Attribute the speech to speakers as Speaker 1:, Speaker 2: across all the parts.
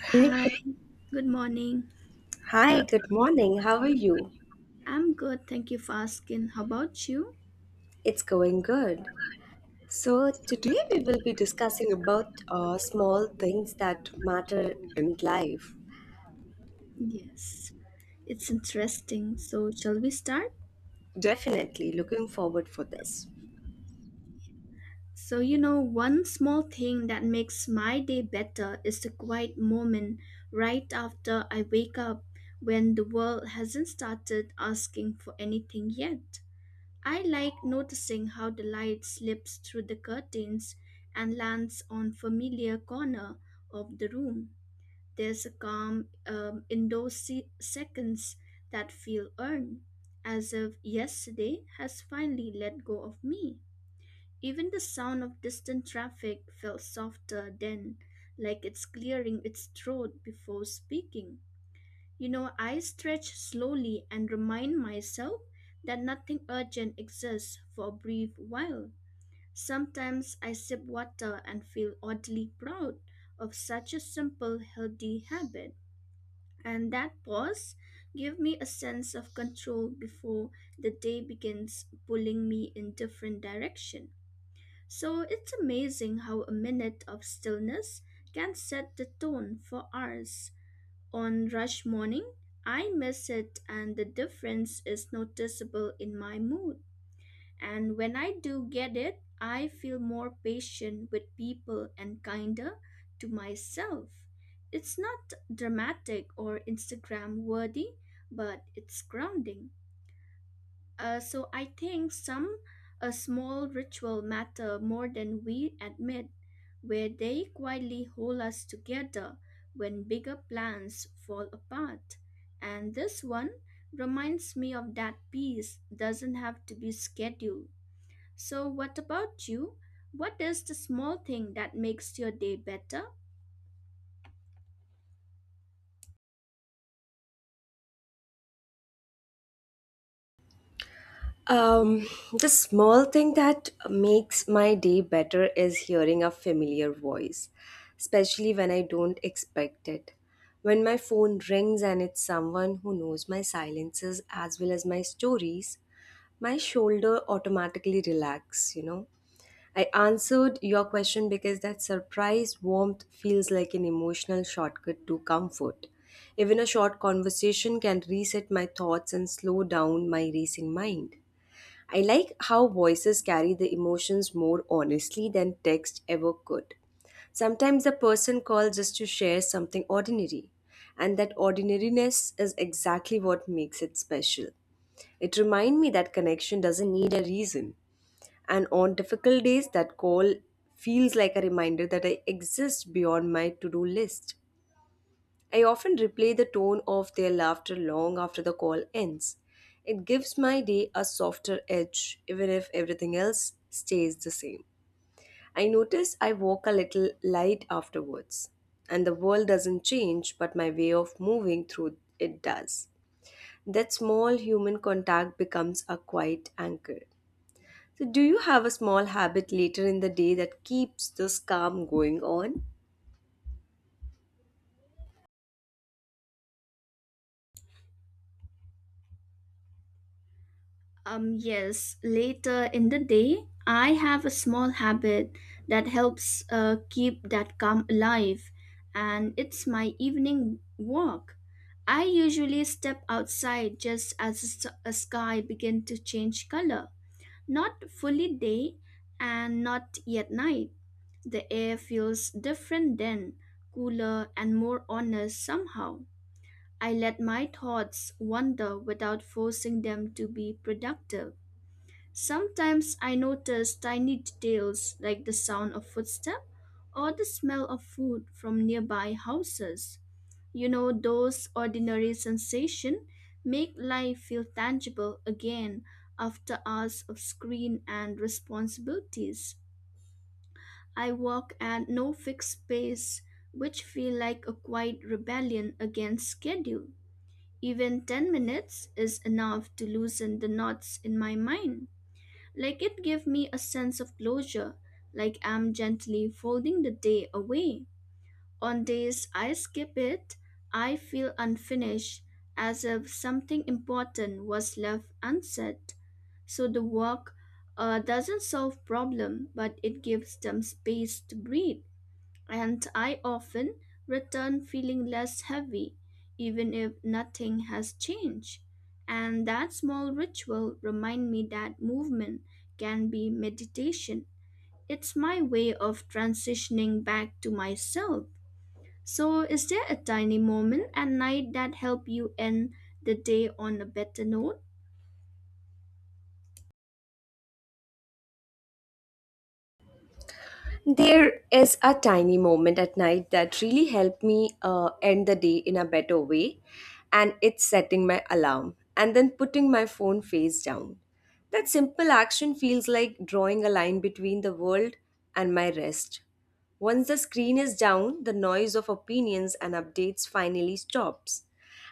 Speaker 1: Hey,
Speaker 2: Hi, hi, good morning.
Speaker 1: hi, good morning. How are you?
Speaker 2: I'm good, thank you for asking. How about you?
Speaker 1: It's going good. So today we will be discussing about small things that matter in life.
Speaker 2: Yes, it's interesting. So, shall we start?
Speaker 1: Definitely looking forward for this.
Speaker 2: So, one small thing that makes my day better is the quiet moment right after I wake up when the world hasn't started asking for anything yet. I like noticing how the light slips through the curtains and lands on familiar corner of the room. There's a calm, in those seconds that feel earned, as if yesterday has finally let go of me. Even the sound of distant traffic felt softer then, like it's clearing its throat before speaking. I stretch slowly and remind myself that nothing urgent exists for a brief while. Sometimes I sip water and feel oddly proud of such a simple, healthy habit. And that pause gave me a sense of control before the day begins pulling me in different direction. So it's amazing how a minute of stillness can set the tone for hours. On rush morning, I miss it and the difference is noticeable in my mood. And when I do get it, I feel more patient with people and kinder to myself. It's not dramatic or Instagram worthy, but it's grounding. So I think some a small ritual matter more than we admit, where they quietly hold us together when bigger plans fall apart. And this one reminds me of that peace doesn't have to be scheduled. So, what about you? What is the small thing that makes your day better?
Speaker 1: Um, the small thing that makes my day better is hearing a familiar voice, especially when I don't expect it. When my phone rings and it's someone who knows my silences as well as my stories, my shoulder automatically relax. I answered your question because that surprise warmth feels like an emotional shortcut to comfort. Even a short conversation can reset my thoughts and slow down my racing mind. I like how voices carry the emotions more honestly than text ever could. Sometimes a person calls just to share something ordinary, and that ordinariness is exactly what makes it special. It reminds me that connection doesn't need a reason, and on difficult days, that call feels like a reminder that I exist beyond my to do list. I often replay the tone of their laughter long after the call ends. It gives my day a softer edge, even if everything else stays the same. I notice I walk a little light afterwards, and the world doesn't change, but my way of moving through it does. That small human contact becomes a quiet anchor. So, do you have a small habit later in the day that keeps this calm going on?
Speaker 2: Yes, later in the day, I have a small habit that helps keep that calm alive, and it's my evening walk. I usually step outside just as the a sky begin to change color, not fully day and not yet night. The air feels different then, cooler and more honest somehow. I let my thoughts wander without forcing them to be productive. Sometimes I notice tiny details like the sound of footsteps or the smell of food from nearby houses. Those ordinary sensations make life feel tangible again after hours of screen and responsibilities. I walk at no fixed pace, which feel like a quiet rebellion against schedule. Even 10 minutes is enough to loosen the knots in my mind. Like it gave me a sense of closure, like I'm gently folding the day away. On days I skip it, I feel unfinished, as if something important was left unsaid. So the walk doesn't solve problem, but it gives them space to breathe and I often return feeling less heavy, even if nothing has changed. And that small ritual remind me that movement can be meditation. It's my way of transitioning back to myself. So, is there a tiny moment at night that help you end the day on a better note?
Speaker 1: There is a tiny moment at night that really helped me end the day in a better way, and it's setting my alarm and then putting my phone face down. That simple action feels like drawing a line between the world and my rest. Once the screen is down, the noise of opinions and updates finally stops.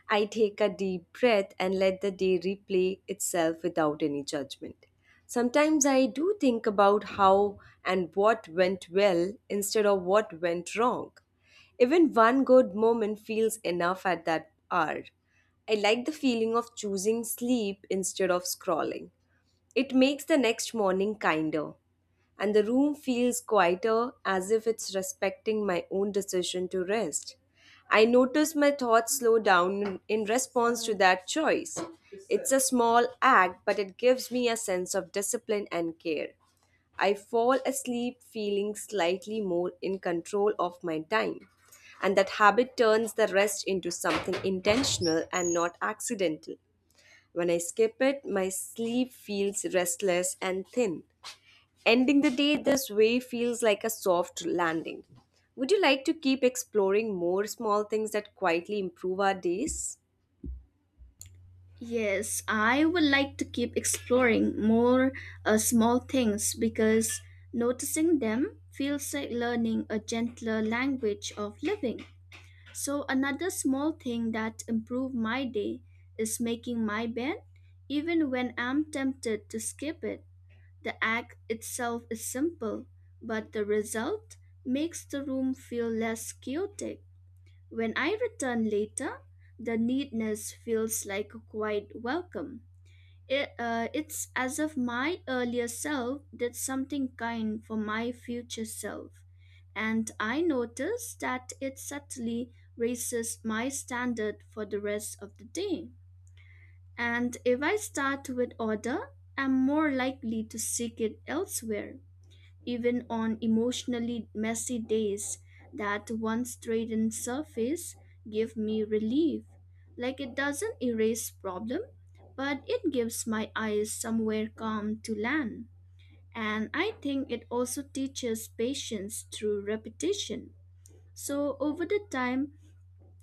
Speaker 1: I take a deep breath and let the day replay itself without any judgment. Sometimes I do think about how and what went well instead of what went wrong. Even one good moment feels enough at that hour. I like the feeling of choosing sleep instead of scrolling. It makes the next morning kinder, and the room feels quieter as if it's respecting my own decision to rest. I notice my thoughts slow down in response to that choice. It's a small act, but it gives me a sense of discipline and care. I fall asleep feeling slightly more in control of my time. And that habit turns the rest into something intentional and not accidental. When I skip it, my sleep feels restless and thin. Ending the day this way feels like a soft landing. Would you like to keep exploring more small things that quietly improve our days?
Speaker 2: Yes, I would like to keep exploring more small things because noticing them feels like learning a gentler language of living. So, another small thing that improved my day is making my bed, even when I'm tempted to skip it. The act itself is simple, but the result makes the room feel less chaotic. When I return later, the neatness feels like a quiet welcome. It's as if my earlier self did something kind for my future self, and I notice that it subtly raises my standard for the rest of the day. And if I start with order, I'm more likely to seek it elsewhere. Even on emotionally messy days, that one straightened surface give me relief. Like it doesn't erase problem, but it gives my eyes somewhere calm to land. And I think it also teaches patience through repetition. So over the time,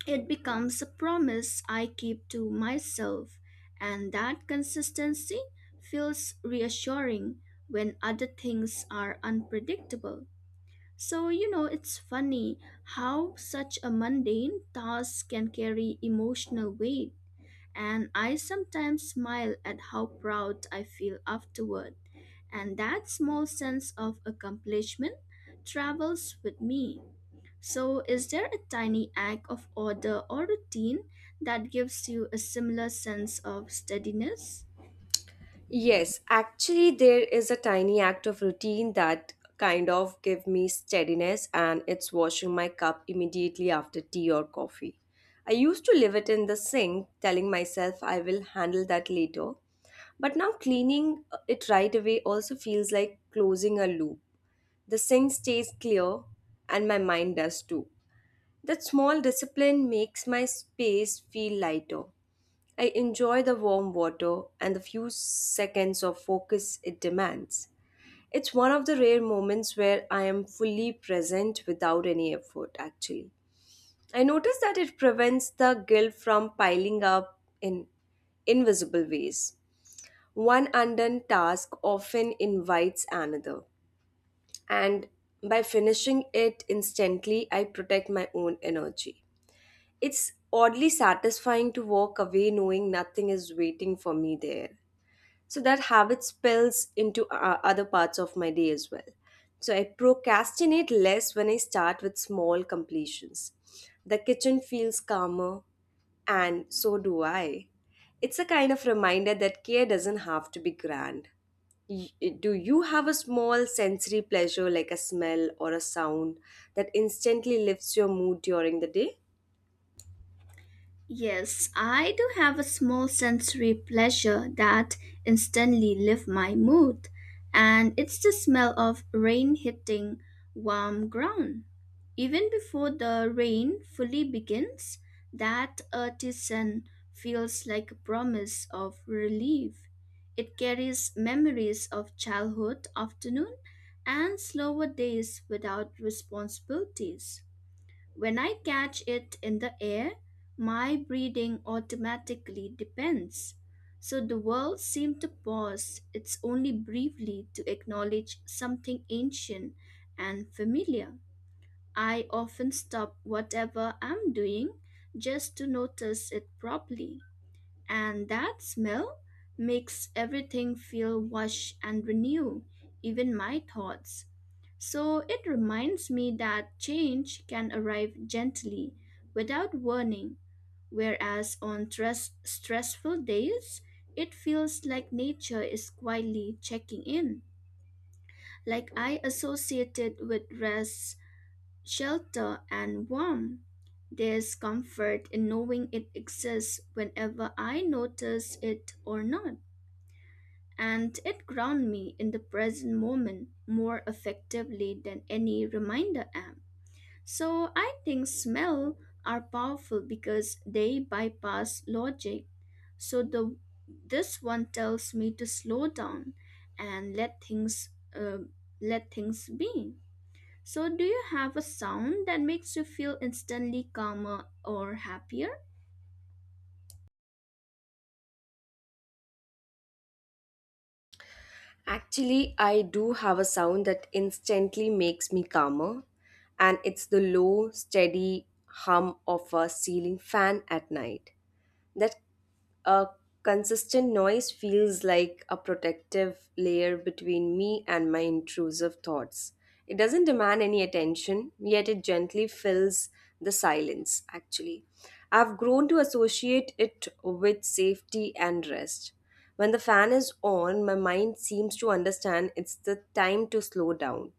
Speaker 2: it becomes a promise I keep to myself, and that consistency feels reassuring when other things are unpredictable. So, it's funny how such a mundane task can carry emotional weight, and I sometimes smile at how proud I feel afterward. And that small sense of accomplishment travels with me. So, is there a tiny act of order or routine that gives you a similar sense of steadiness?
Speaker 1: Yes, actually, there is a tiny act of routine that kind of give me steadiness, and it's washing my cup immediately after tea or coffee. I used to leave it in the sink, telling myself I will handle that later. But now cleaning it right away also feels like closing a loop. The sink stays clear and my mind does too. That small discipline makes my space feel lighter. I enjoy the warm water and the few seconds of focus it demands. It's one of the rare moments where I am fully present without any effort, actually. I notice that it prevents the guilt from piling up in invisible ways. One undone task often invites another, and by finishing it instantly, I protect my own energy. It's oddly satisfying to walk away knowing nothing is waiting for me there. So that habit spills into other parts of my day as well. So I procrastinate less when I start with small completions. The kitchen feels calmer, and so do I. It's a kind of reminder that care doesn't have to be grand. Y- Do you have a small sensory pleasure like a smell or a sound that instantly lifts your mood during the day?
Speaker 2: Yes, I do have a small sensory pleasure that instantly lifts my mood, and it's the smell of rain hitting warm ground. Even before the rain fully begins, that earthy scent feels like a promise of relief. It carries memories of childhood afternoon and slower days without responsibilities. When I catch it in the air, my breathing automatically depends. So the world seemed to pause, it's only briefly to acknowledge something ancient and familiar. I often stop whatever I'm doing just to notice it properly. And that smell makes everything feel lush and renewed, even my thoughts. So it reminds me that change can arrive gently, without warning, whereas on stressful days, it feels like nature is quietly checking in. Like I associated with rest, shelter and warmth. There's comfort in knowing it exists whenever I notice it or not. And it grounds me in the present moment more effectively than any reminder app. So I think smell are powerful because they bypass logic. So the this one tells me to slow down and uh, let things be. So, do you have a sound that makes you feel instantly calmer or happier?
Speaker 1: Actually, I do have a sound that instantly makes me calmer, and it's the low, steady hum of a ceiling fan at night. That uh, consistent noise feels like a protective layer between me and my intrusive thoughts. It doesn't demand any attention, yet it gently fills the silence, actually. I've grown to associate it with safety and rest. When the fan is on, my mind seems to understand it's the time to slow down.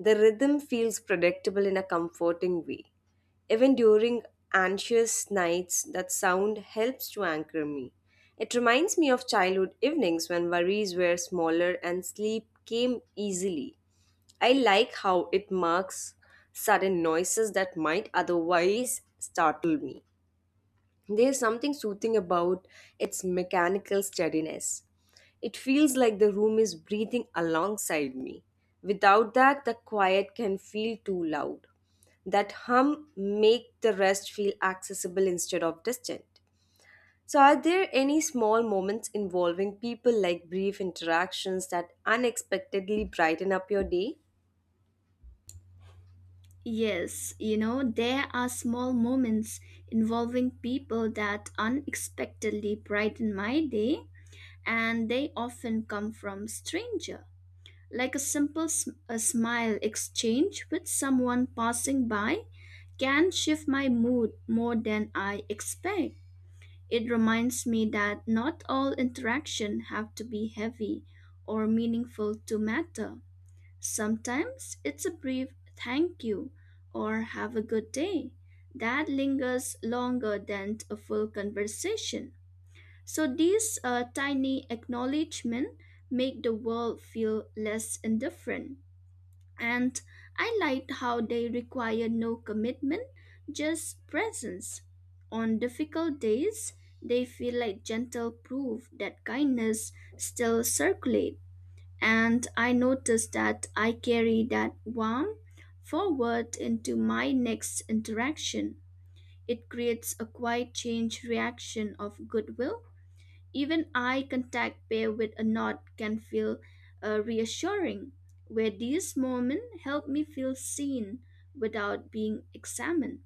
Speaker 1: The rhythm feels predictable in a comforting way. Even during anxious nights, that sound helps to anchor me. It reminds me of childhood evenings when worries were smaller and sleep came easily. I like how it marks sudden noises that might otherwise startle me. There's something soothing about its mechanical steadiness. It feels like the room is breathing alongside me. Without that, the quiet can feel too loud. That hum make the rest feel accessible instead of distant. So are there any small moments involving people like brief interactions that unexpectedly brighten up your day?
Speaker 2: Yes, there are small moments involving people that unexpectedly brighten my day, and they often come from stranger. Like a simple a smile exchange with someone passing by can shift my mood more than I expect. It reminds me that not all interaction have to be heavy or meaningful to matter. Sometimes it's a brief thank you or have a good day that lingers longer than a full conversation. So these tiny acknowledgement make the world feel less indifferent. And I liked how they require no commitment, just presence. On difficult days, they feel like gentle proof that kindness still circulates. And I noticed that I carry that warmth forward into my next interaction. It creates a quiet change reaction of goodwill, even eye contact paired with a nod can feel reassuring, where these moments help me feel seen without being examined,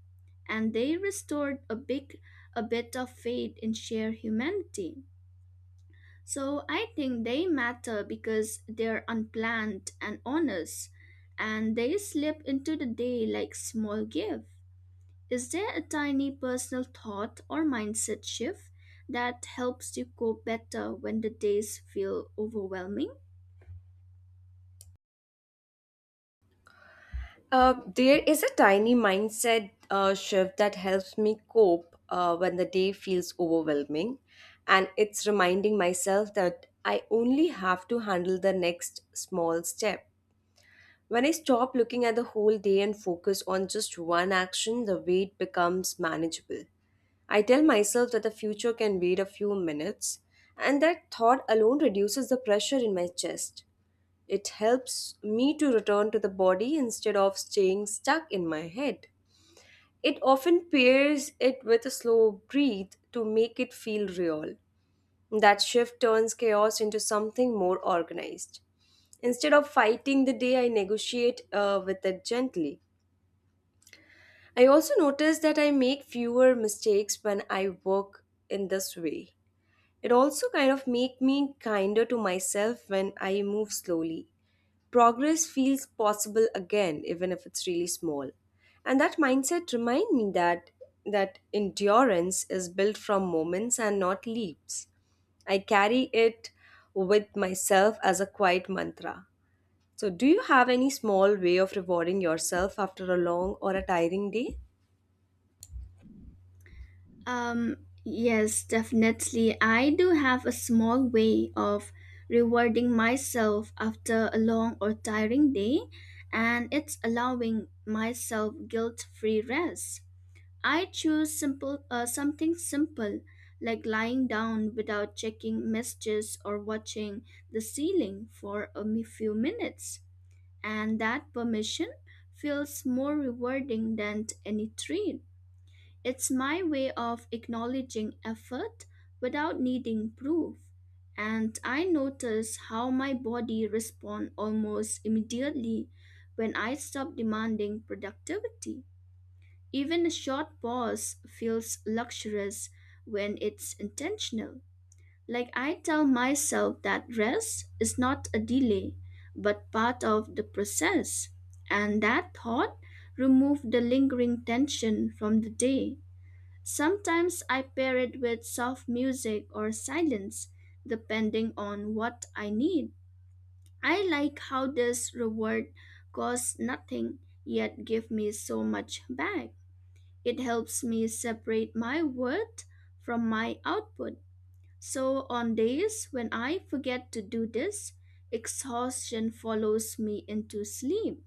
Speaker 2: and they restored a bit of faith in shared humanity. So I think they matter because they're unplanned and honest, and they slip into the day like small gifts. Is there a tiny personal thought or mindset shift that helps you cope better when the days feel overwhelming?
Speaker 1: There is a tiny mindset shift that helps me cope when the day feels overwhelming. And it's reminding myself that I only have to handle the next small step. When I stop looking at the whole day and focus on just one action, the weight becomes manageable. I tell myself that the future can wait a few minutes, and that thought alone reduces the pressure in my chest. It helps me to return to the body instead of staying stuck in my head. It often pairs it with a slow breathe to make it feel real. That shift turns chaos into something more organized. Instead of fighting the day, I negotiate with it gently. I also notice that I make fewer mistakes when I work in this way. It also kind of make me kinder to myself when I move slowly progress feels possible again even if it's really small and that mindset remind me that endurance is built from moments and not leaps. I carry it with myself as a quiet mantra. So do you have any small way of rewarding yourself after a long or a tiring day?
Speaker 2: Yes, definitely. I do have a small way of rewarding myself after a long or tiring day, and it's allowing myself guilt free rest. I choose simple something simple like lying down without checking messages or watching the ceiling for a few minutes. And that permission feels more rewarding than any treat. It's my way of acknowledging effort without needing proof. And I notice how my body responds almost immediately when I stop demanding productivity. Even a short pause feels luxurious when it's intentional. Like I tell myself that rest is not a delay, but part of the process. And that thought removes the lingering tension from the day. Sometimes I pair it with soft music or silence, depending on what I need. I like how this reward costs nothing, yet give me so much back. It helps me separate my worth from my output. So, on days when I forget to do this, exhaustion follows me into sleep.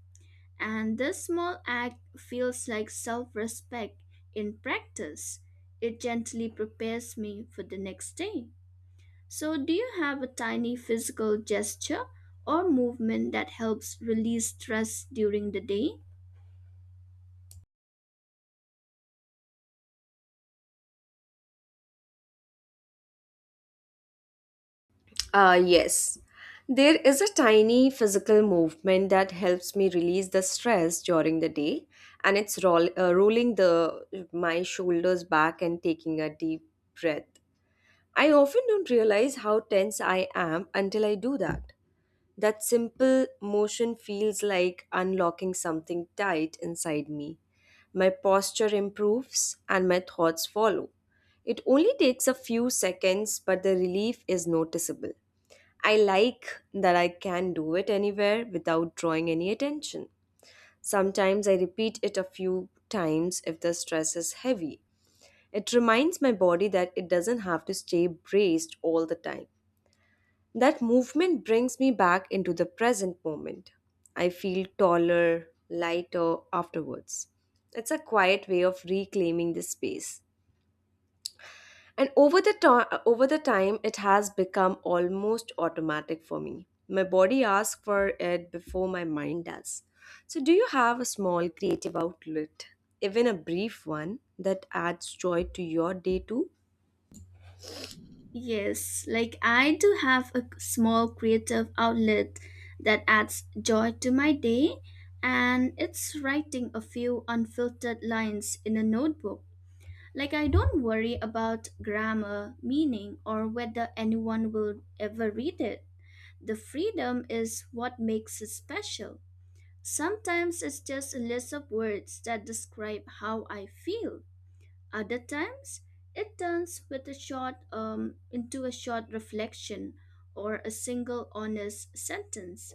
Speaker 2: And this small act feels like self respect in practice. It gently prepares me for the next day. So, do you have a tiny physical gesture or movement that helps release stress during the day?
Speaker 1: Yes. There is a tiny physical movement that helps me release the stress during the day, and it's rolling the my shoulders back and taking a deep breath. I often don't realize how tense I am until I do that. That simple motion feels like unlocking something tight inside me. My posture improves and my thoughts follow. It only takes a few seconds, but the relief is noticeable. I like that I can do it anywhere without drawing any attention. Sometimes I repeat it a few times if the stress is heavy. It reminds my body that it doesn't have to stay braced all the time. That movement brings me back into the present moment. I feel taller, lighter afterwards. It's a quiet way of reclaiming the space. And over the time it has become almost automatic for me. My body asks for it before my mind does. So do you have a small creative outlet, even a brief one, that adds joy to your day too?
Speaker 2: Yes, like I do have a small creative outlet that adds joy to my day, and it's writing a few unfiltered lines in a notebook. Like I don't worry about grammar, meaning, or whether anyone will ever read it. The freedom is what makes it special. Sometimes it's just a list of words that describe how I feel. Other times, it turns with a short into a short reflection or a single honest sentence,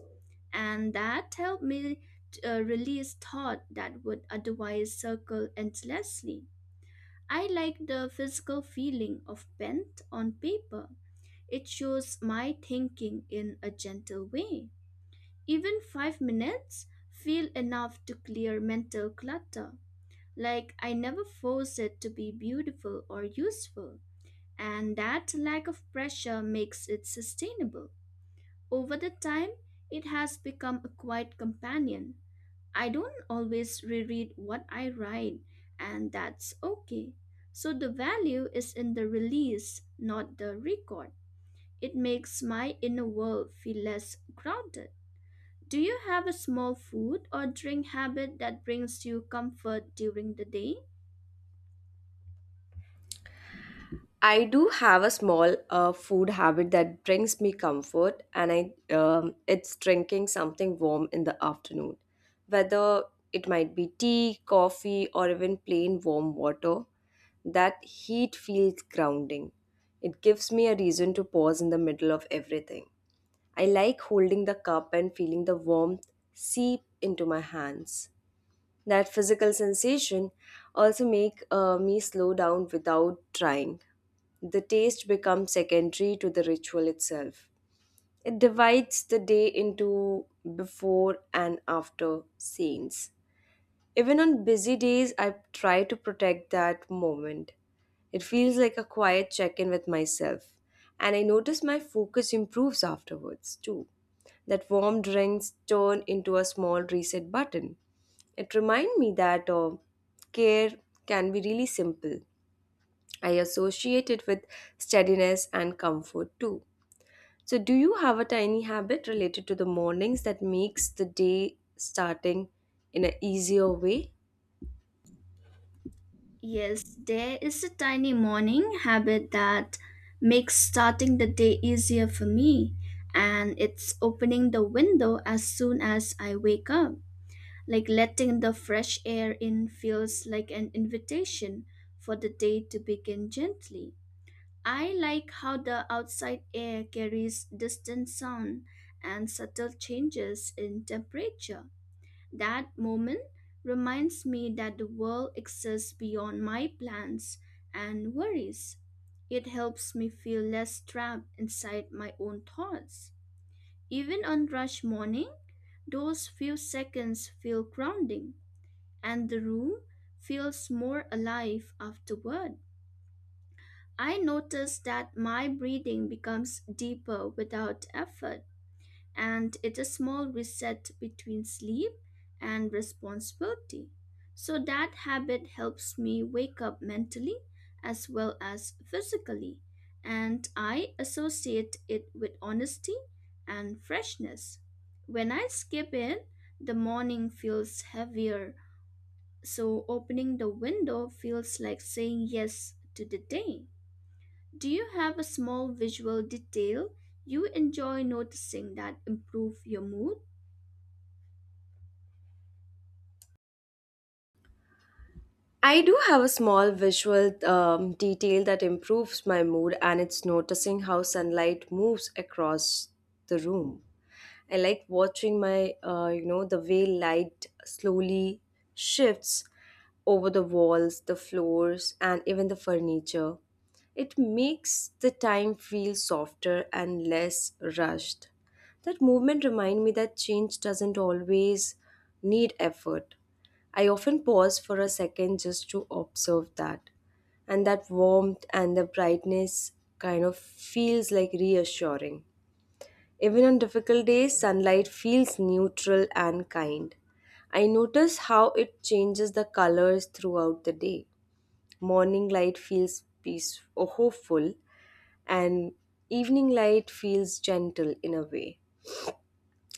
Speaker 2: and that helped me to, release thought that would otherwise circle endlessly. I like the physical feeling of pen on paper. It shows my thinking in a gentle way. Even 5 minutes feel enough to clear mental clutter. Like, I never force it to be beautiful or useful, and that lack of pressure makes it sustainable. Over the time, it has become a quiet companion. I don't always reread what I write, and that's okay. So, the value is in the release, not the record. It makes my inner world feel less crowded. Do you have a small food or drink habit that brings you comfort during the day?
Speaker 1: I do have a small food habit that brings me comfort, and I it's drinking something warm in the afternoon, whether it might be tea, coffee, or even plain warm water. That heat feels grounding. It gives me a reason to pause in the middle of everything. I like holding the cup and feeling the warmth seep into my hands. That physical sensation also make me slow down without trying. The taste becomes secondary to the ritual itself. It divides the day into before and after scenes. Even on busy days, I try to protect that moment. It feels like a quiet check in with myself, and I notice my focus improves afterwards too. That warm drinks turn into a small reset button. It reminds me that care can be really simple. I associate it with steadiness and comfort too. So, do you have a tiny habit related to the mornings that makes the day starting in an easier way?
Speaker 2: Yes, there is a tiny morning habit that makes starting the day easier for me, and it's opening the window as soon as I wake up. Like letting the fresh air in feels like an invitation for the day to begin gently. I like how the outside air carries distant sound and subtle changes in temperature. That moment reminds me that the world exists beyond my plans and worries. It helps me feel less trapped inside my own thoughts. Even on rush morning, those few seconds feel grounding, and the room feels more alive afterward. I notice that my breathing becomes deeper without effort and it's a small reset between sleep and responsibility. So that habit helps me wake up mentally as well as physically, and I associate it with honesty and freshness. When I skip it, the morning feels heavier, so opening the window feels like saying yes to the day. Do you have a small visual detail you enjoy noticing that improve your mood?
Speaker 1: I do have a small visual detail that improves my mood, and it's noticing how sunlight moves across the room. I like watching the way light slowly shifts over the walls, the floors, and even the furniture. It makes the time feel softer and less rushed. That movement reminds me that change doesn't always need effort. I often pause for a second just to observe that. And that warmth and the brightness kind of feels like reassuring. Even on difficult days, sunlight feels neutral and kind. I notice how it changes the colors throughout the day. Morning light feels peaceful, or hopeful, and evening light feels gentle in a way.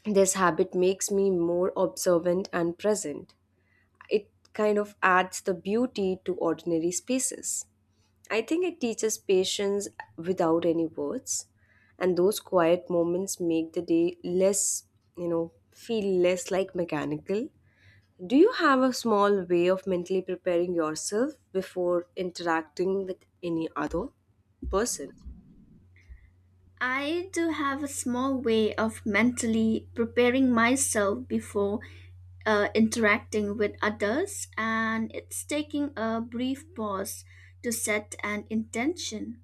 Speaker 1: This habit makes me more observant and present. It kind of adds the beauty to ordinary spaces. I think it teaches patience without any words, and those quiet moments make the day less, feel less like mechanical. Do you have a small way of mentally preparing yourself before interacting with any other person?
Speaker 2: I do have a small way of mentally preparing myself before interacting with others, and it's taking a brief pause to set an intention.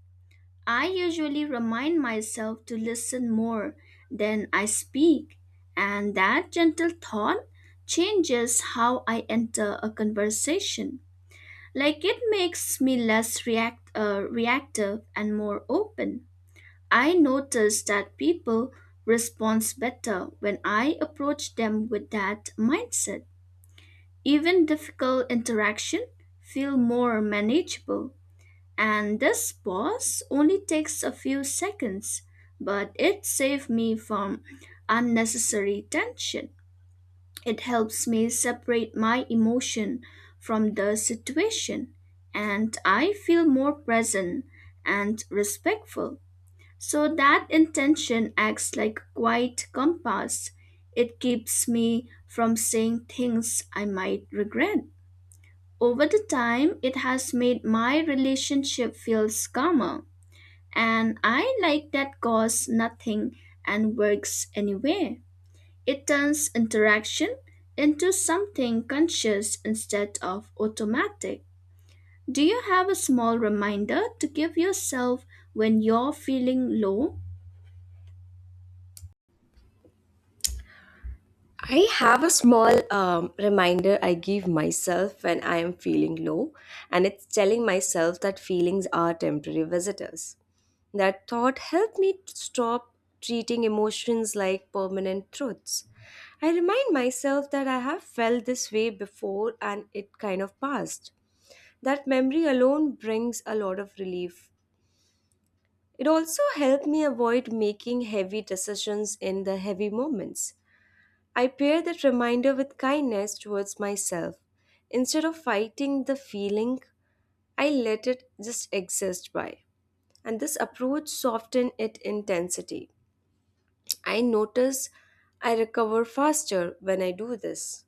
Speaker 2: I usually remind myself to listen more than I speak, and that gentle thought changes how I enter a conversation. Like it makes me reactive and more open. I noticed that people respond better when I approach them with that mindset. Even difficult interaction feel more manageable. And this pause only takes a few seconds, but it saved me from unnecessary tension. It helps me separate my emotion from the situation, and I feel more present and respectful. So that intention acts like a quiet compass. It keeps me from saying things I might regret. Over the time, it has made my relationship feels calmer, and I like that costs nothing and works anywhere. It turns interaction into something conscious instead of automatic. Do you have a small reminder to give yourself when you're feeling low?
Speaker 1: I have a small reminder I give myself when I am feeling low, and it's telling myself that feelings are temporary visitors. That thought helped me to stop treating emotions like permanent truths. I remind myself that I have felt this way before and it kind of passed. That memory alone brings a lot of relief. It also helped me avoid making heavy decisions in the heavy moments. I pair that reminder with kindness towards myself. Instead of fighting the feeling, I let it just exist by. And this approach softened its intensity. I notice I recover faster when I do this.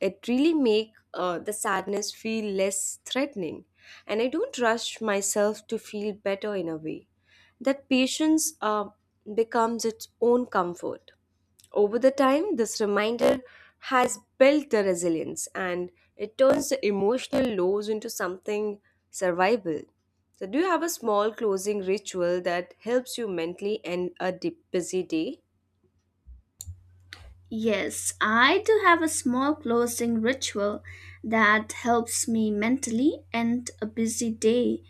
Speaker 1: It really make the sadness feel less threatening, and I don't rush myself to feel better in a way. That patience becomes its own comfort. Over the time, this reminder has built the resilience and it turns the emotional lows into something survivable. So, do you have a small closing ritual that helps you mentally end a busy day?
Speaker 2: Yes, I do have a small closing ritual that helps me mentally end a busy day,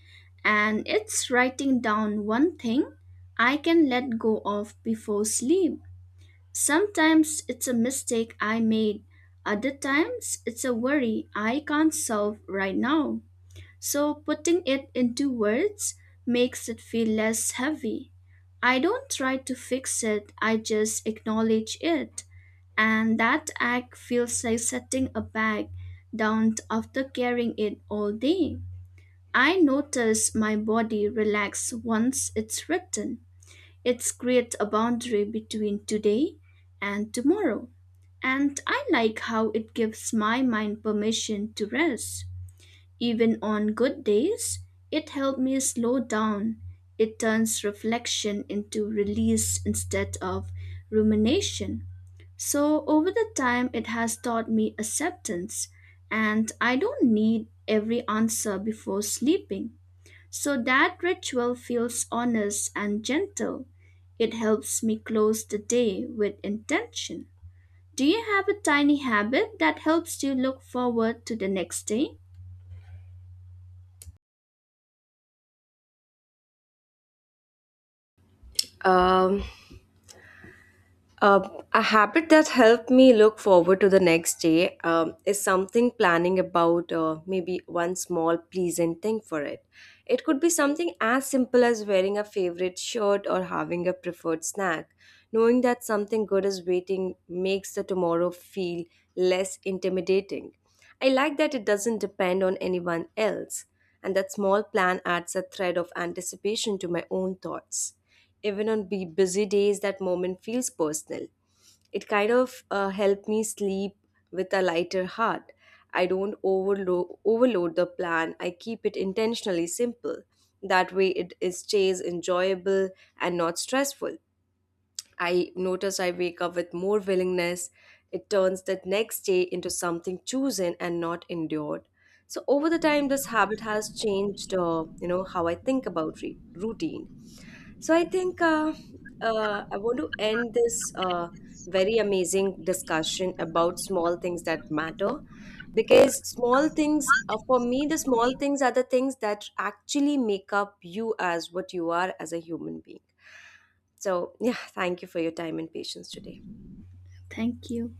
Speaker 2: and it's writing down one thing I can let go of before sleep. Sometimes it's a mistake I made, other times it's a worry I can't solve right now. So putting it into words makes it feel less heavy. I don't try to fix it, I just acknowledge it. And that act feels like setting a bag down after carrying it all day. I notice my body relax once it's written. It creates a boundary between today and tomorrow. And I like how it gives my mind permission to rest. Even on good days, it helps me slow down. It turns reflection into release instead of rumination. So, over the time, it has taught me acceptance, and I don't need every answer before sleeping. So, that ritual feels honest and gentle. It helps me close the day with intention. Do you have a tiny habit that helps you look forward to the next day?
Speaker 1: Um, a habit that helped me look forward to the next day is something planning about maybe one small pleasant thing for it. It could be something as simple as wearing a favorite shirt or having a preferred snack. Knowing that something good is waiting makes the tomorrow feel less intimidating. I like that it doesn't depend on anyone else, and that small plan adds a thread of anticipation to my own thoughts. Even on busy days, that moment feels personal. It kind of helped me sleep with a lighter heart. I don't overload the plan, I keep it intentionally simple. That way, it is stays enjoyable and not stressful. I notice I wake up with more willingness. It turns that next day into something chosen and not endured. So over the time, this habit has changed, how I think about routine. So I think I want to end this very amazing discussion about small things that matter, because small things, for me, the small things are the things that actually make up you as what you are as a human being. So, yeah, thank you for your time and patience today.
Speaker 2: Thank you.